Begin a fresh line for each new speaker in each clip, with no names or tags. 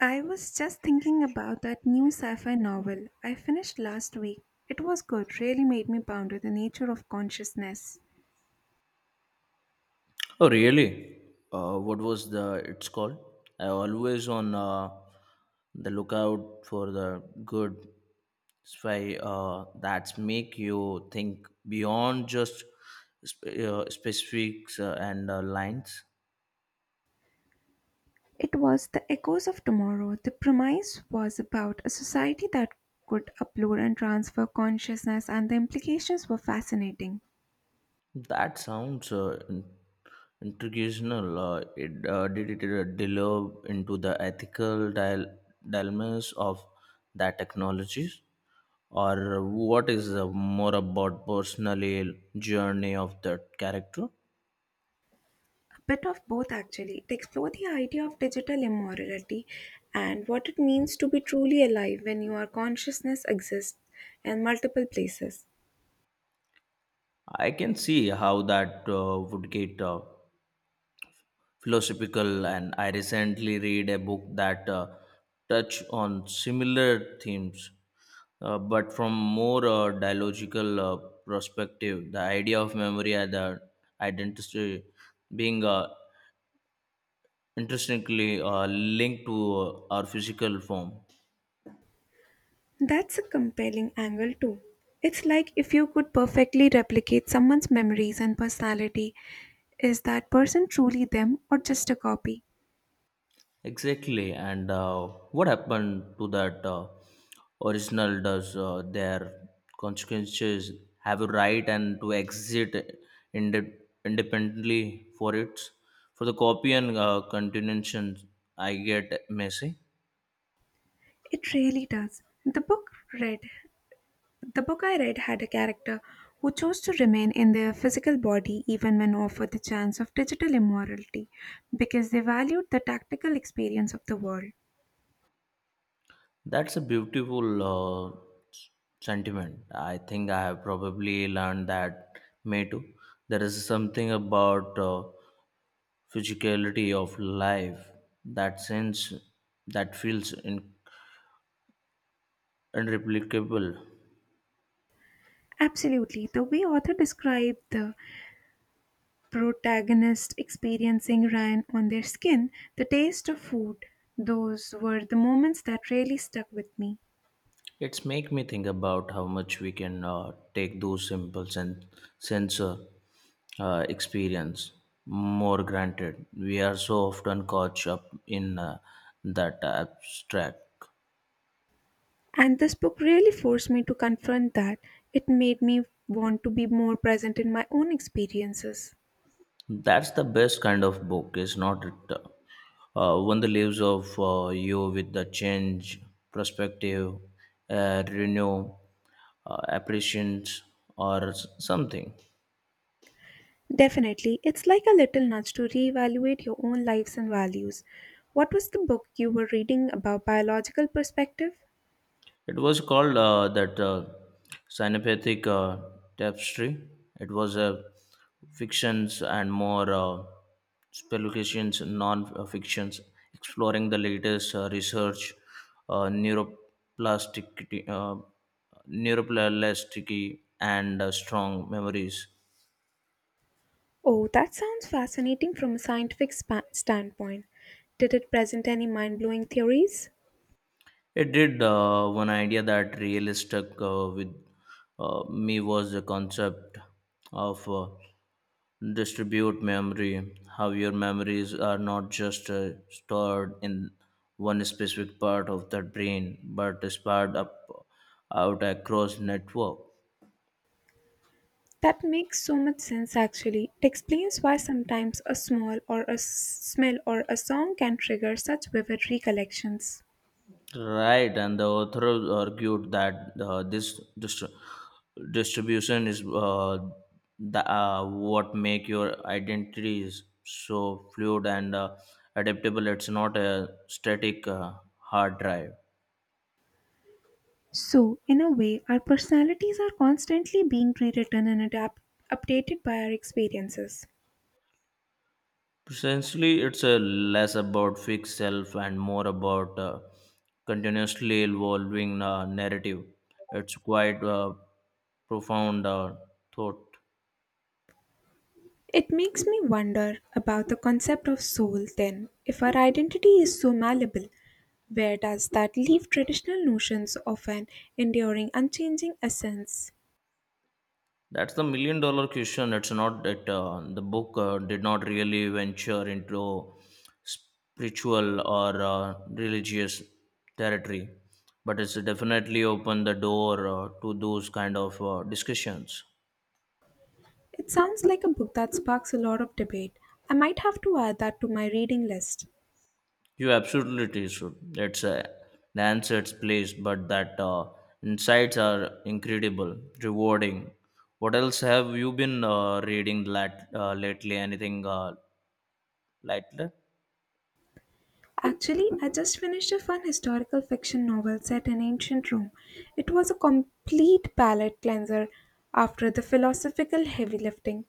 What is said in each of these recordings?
I was just thinking about that new sci fi novel I finished last week. It was good, really made me ponder the nature of consciousness.
Oh, really? What was the it's called? I always on the lookout for the good spy that's make you think beyond just specifics and lines.
It was The Echoes of Tomorrow. The premise was about a society that could upload and transfer consciousness, and the implications were fascinating.
That sounds intriguing. Did it delve into the ethical dilemmas of that technologies, or what is more about personal journey of that character?
A bit of both, actually. It explored the idea of digital immorality and what it means to be truly alive when your consciousness exists in multiple places.
I can see how that would get philosophical. And I recently read a book that touch on similar themes but from more dialogical perspective, the idea of memory and the identity being intrinsically linked to our physical form.
That's a compelling angle, too. It's like if you could perfectly replicate someone's memories and personality, is that person truly them or just a copy?
Exactly. And what happened to that original? Does their consequences have a right and to exit inde- independently for it? For the copy and continuation, I get messy.
It really does. Read the book I read had a character who chose to remain in their physical body even when offered the chance of digital immortality because they valued the tactical experience of the world.
That's a beautiful s- sentiment. I think I have probably learned that may too. There is something about physicality of life that sense that feels unreplicable.
Absolutely. The way author described the protagonists experiencing rain on their skin, the taste of food. Those were the moments that really stuck with me.
It's make me think about how much we can take those simple sensor experience more granted. We are so often caught up in that abstract.
And this book really forced me to confront that. It made me want to be more present in my own experiences.
That's the best kind of book, is not it? One that leaves of you with the change, perspective, renew, appreciations, or something.
Definitely, it's like a little nudge to reevaluate your own lives and values. What was the book you were reading about biological perspective?
It was called that synaptic tapestry. It was a fictions and more speculations, non-fictions, exploring the latest research, uh, neuroplasticity, uh, neuroplasticity, and strong memories.
Oh, that sounds fascinating from a scientific standpoint. Did it present any mind blowing theories?
It did one idea that really stuck with me was the concept of distribute memory, how your memories are not just stored in one specific part of the brain but spread up out across network.
That makes so much sense actually. It explains why sometimes a small or a smell or a song can trigger such vivid recollections.
Right, and the author argued that this distribution is the what make your identities so fluid and adaptable. It's not a static hard drive.
So, in a way, our personalities are constantly being rewritten and updated by our experiences.
Essentially, it's a less about fixed self and more about continuously evolving narrative. It's quite profound thought.
It makes me wonder about the concept of soul then. If our identity is so malleable, where does that leave traditional notions of an enduring, unchanging essence?
That's the million dollar question. It's not that the book did not really venture into spiritual or religious territory, but it's definitely opened the door to those kind of discussions.
It sounds like a book that sparks a lot of debate. I might have to add that to my reading list.
You absolutely should. It's a Lancet's place, but that insights are incredible, rewarding. What else have you been reading lately? Anything lately?
Actually, I just finished a fun historical fiction novel set in ancient Rome. It was a complete palate cleanser after the philosophical heavy lifting.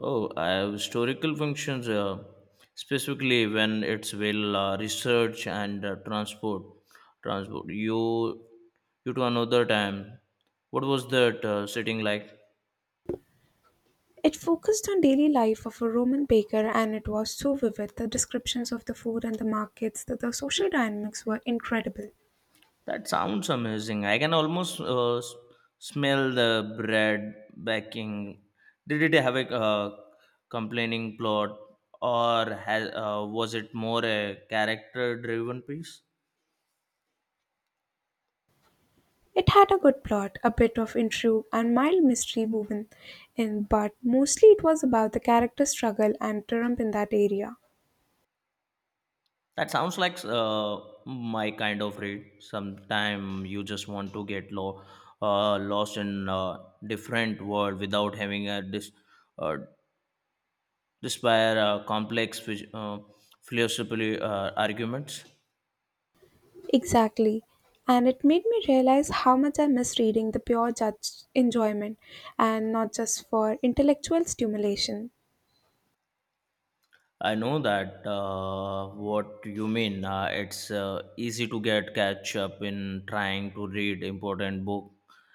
Oh, I have historical functions, specifically when it's well research and transport. Transport you to another time. What was that sitting like?
It focused on daily life of a Roman baker and it was so vivid. The descriptions of the food and the markets, the social dynamics were incredible.
That sounds amazing. I can almost smell the bread baking. Did it have a complaining plot, or has, was it more a character-driven piece?
It had a good plot, a bit of intrigue, and mild mystery woven in, but mostly it was about the character struggle and triumph in that area.
That sounds like my kind of read. Sometime you just want to get lost in a different world without having a uh, despair complex philosophical arguments.
Exactly. And it made me realize how much I miss reading the pure judge enjoyment and not just for intellectual stimulation.
I know that what you mean. It's easy to get catch up in trying to read important book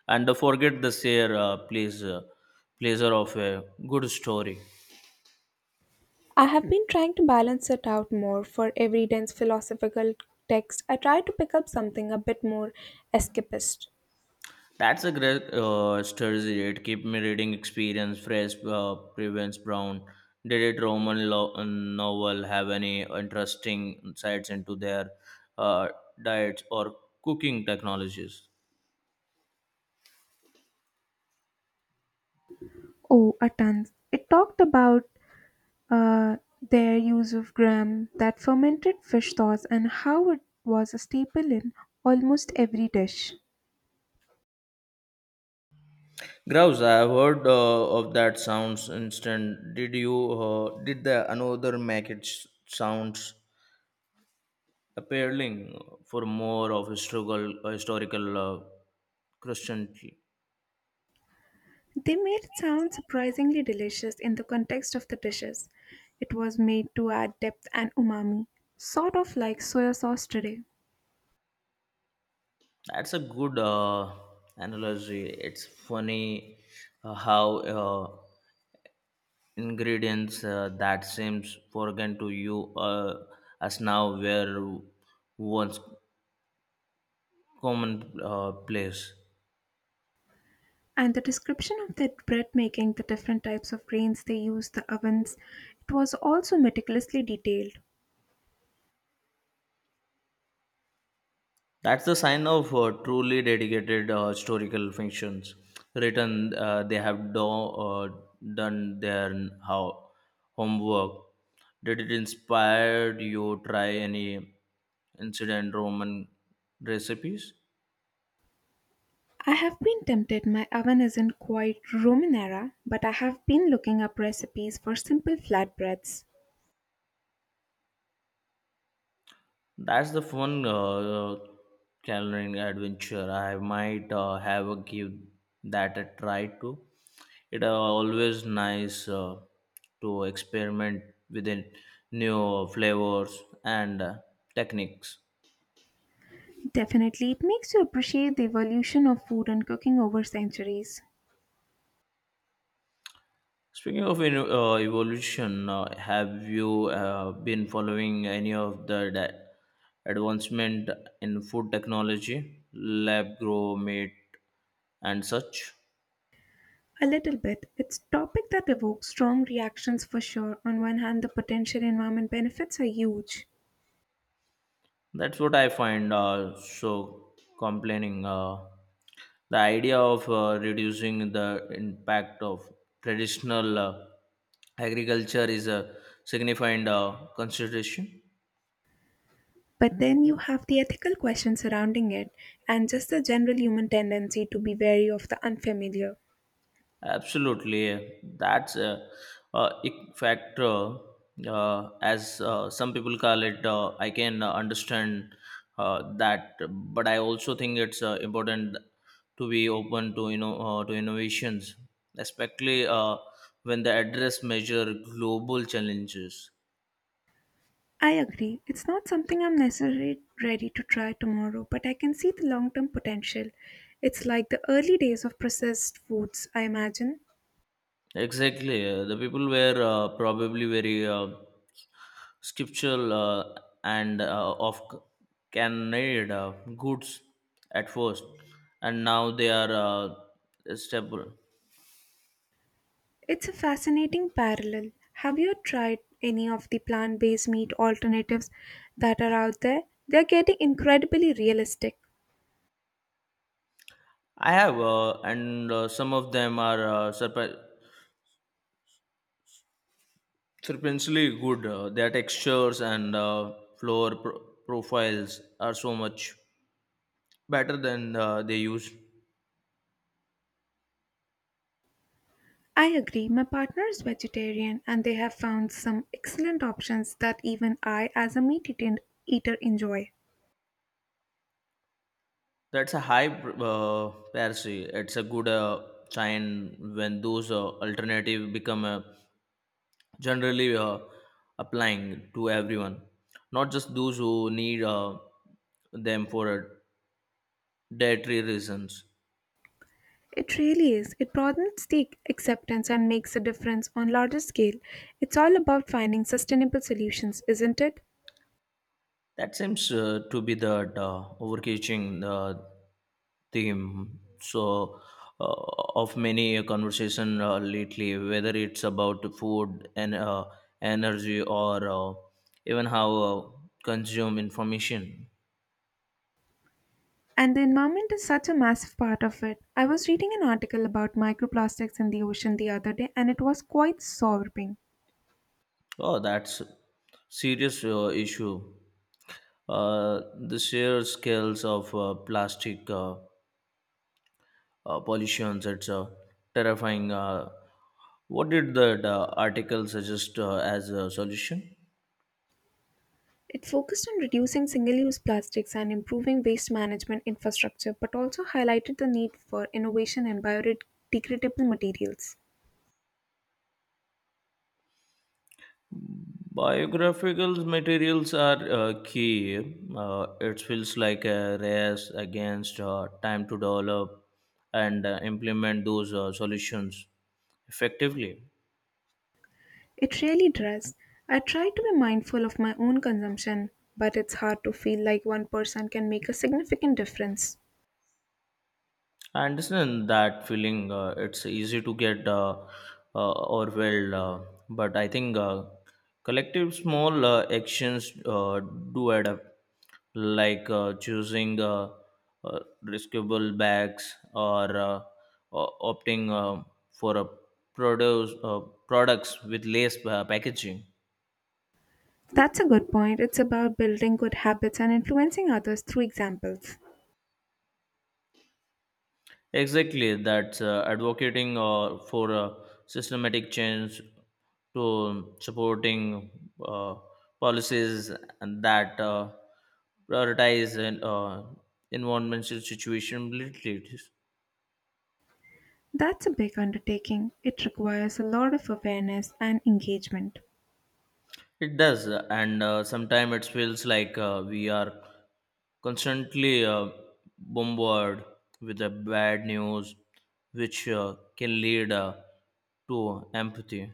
and forget the sheer pleasure of a good story.
I have been trying to balance it out more. For every dense philosophical text, I try to pick up something a bit more escapist.
That's a great strategy. It keep me reading experience. Fresh Prevents Brown. Did it Roman novel have any interesting insights into their uh, diets or cooking technologies?
Oh, a ton. It talked about uh, their use of gram, that fermented fish sauce, and how it was a staple in almost every dish.
Grouse, I have heard of that sounds instant. Did the another make it sounds appealing for more of historical Christianity?
They made it sound surprisingly delicious in the context of the dishes. It was made to add depth and umami, sort of like soya sauce today.
That's a good analogy. It's funny how ingredients that seems foreign to you as now were once commonplace. Place.
And the description of the bread making, the different types of grains they used, the ovens, it was also meticulously detailed.
That's the sign of truly dedicated historical fictions. Written, they have do, done their how, homework. Did it inspire you try any incident Roman recipes?
I have been tempted my oven isn't quite Roman era, but I have been looking up recipes for simple flatbreads.
That's the fun culinary adventure. I might have a give that a try too. It are always nice to experiment with the new flavors and techniques.
Definitely, it makes you appreciate the evolution of food and cooking over centuries.
Speaking of evolution, have you been following any of the advancement in food technology, lab grow meat, and such?
A little bit. It's a topic that evokes strong reactions for sure. On one hand, the potential environment benefits are huge.
That's what I find so complaining. The idea of reducing the impact of traditional. Agriculture is a significant consideration.
But then you have the ethical questions surrounding it and just the general human tendency to be wary of the unfamiliar.
Absolutely, yeah. That's a ick factor as some people call it. I can understand that, but I also think it's important to be open to you know to innovations, especially when they address major global challenges.
I agree. It's not something I'm necessarily ready to try tomorrow, but I can see the long term potential. It's like the early days of processed foods, I imagine.
Exactly. The people were probably very scriptural and of canned uh, goods at first, and now they are stable.
It's a fascinating parallel. Have you tried any of the plant based meat alternatives that are out there? They're getting incredibly realistic.
I have, and some of them are surprisingly good. Their textures and floor profiles are so much better than they used.
I agree. My partner is vegetarian and they have found some excellent options that even I, as a eater, enjoy.
That's a high parity. It's a good sign when those alternative become generally applying to everyone, not just those who need them for dietary reasons.
It really is. It broadens the acceptance and makes a difference on larger scale. It's all about finding sustainable solutions, isn't it?
That seems to be the overcatching theme so uh, of many conversation lately, whether it's about food and energy or even how consume information.
And the environment is such a massive part of it. I was reading an article about microplastics in the ocean the other day and it was quite sobering.
Oh, that's serious issue. uh, the sheer scales of plastic pollution. It's terrifying. What did that article suggest as a solution?
It focused on reducing single use plastics and improving waste management infrastructure, but also highlighted the need for innovation in biodegradable materials.
Biographical materials are key. It feels like a race against time to develop and implement those solutions effectively.
It really does. I try to be mindful of my own consumption, but it's hard to feel like one person can make a significant difference.
I understand that feeling. It's easy to get overwhelmed, but I think collective small actions do add up, like choosing uh, riskable bags or opting for a produce products with less packaging.
That's a good point. It's about building good habits and influencing others through examples.
Exactly, that's advocating for systematic change to supporting uh, policies and that prioritize and environmental situation. It
That's a big undertaking. It requires a lot of awareness and engagement.
does, and sometimes it feels like we are constantly bombarded with the bad news, which can lead to empathy.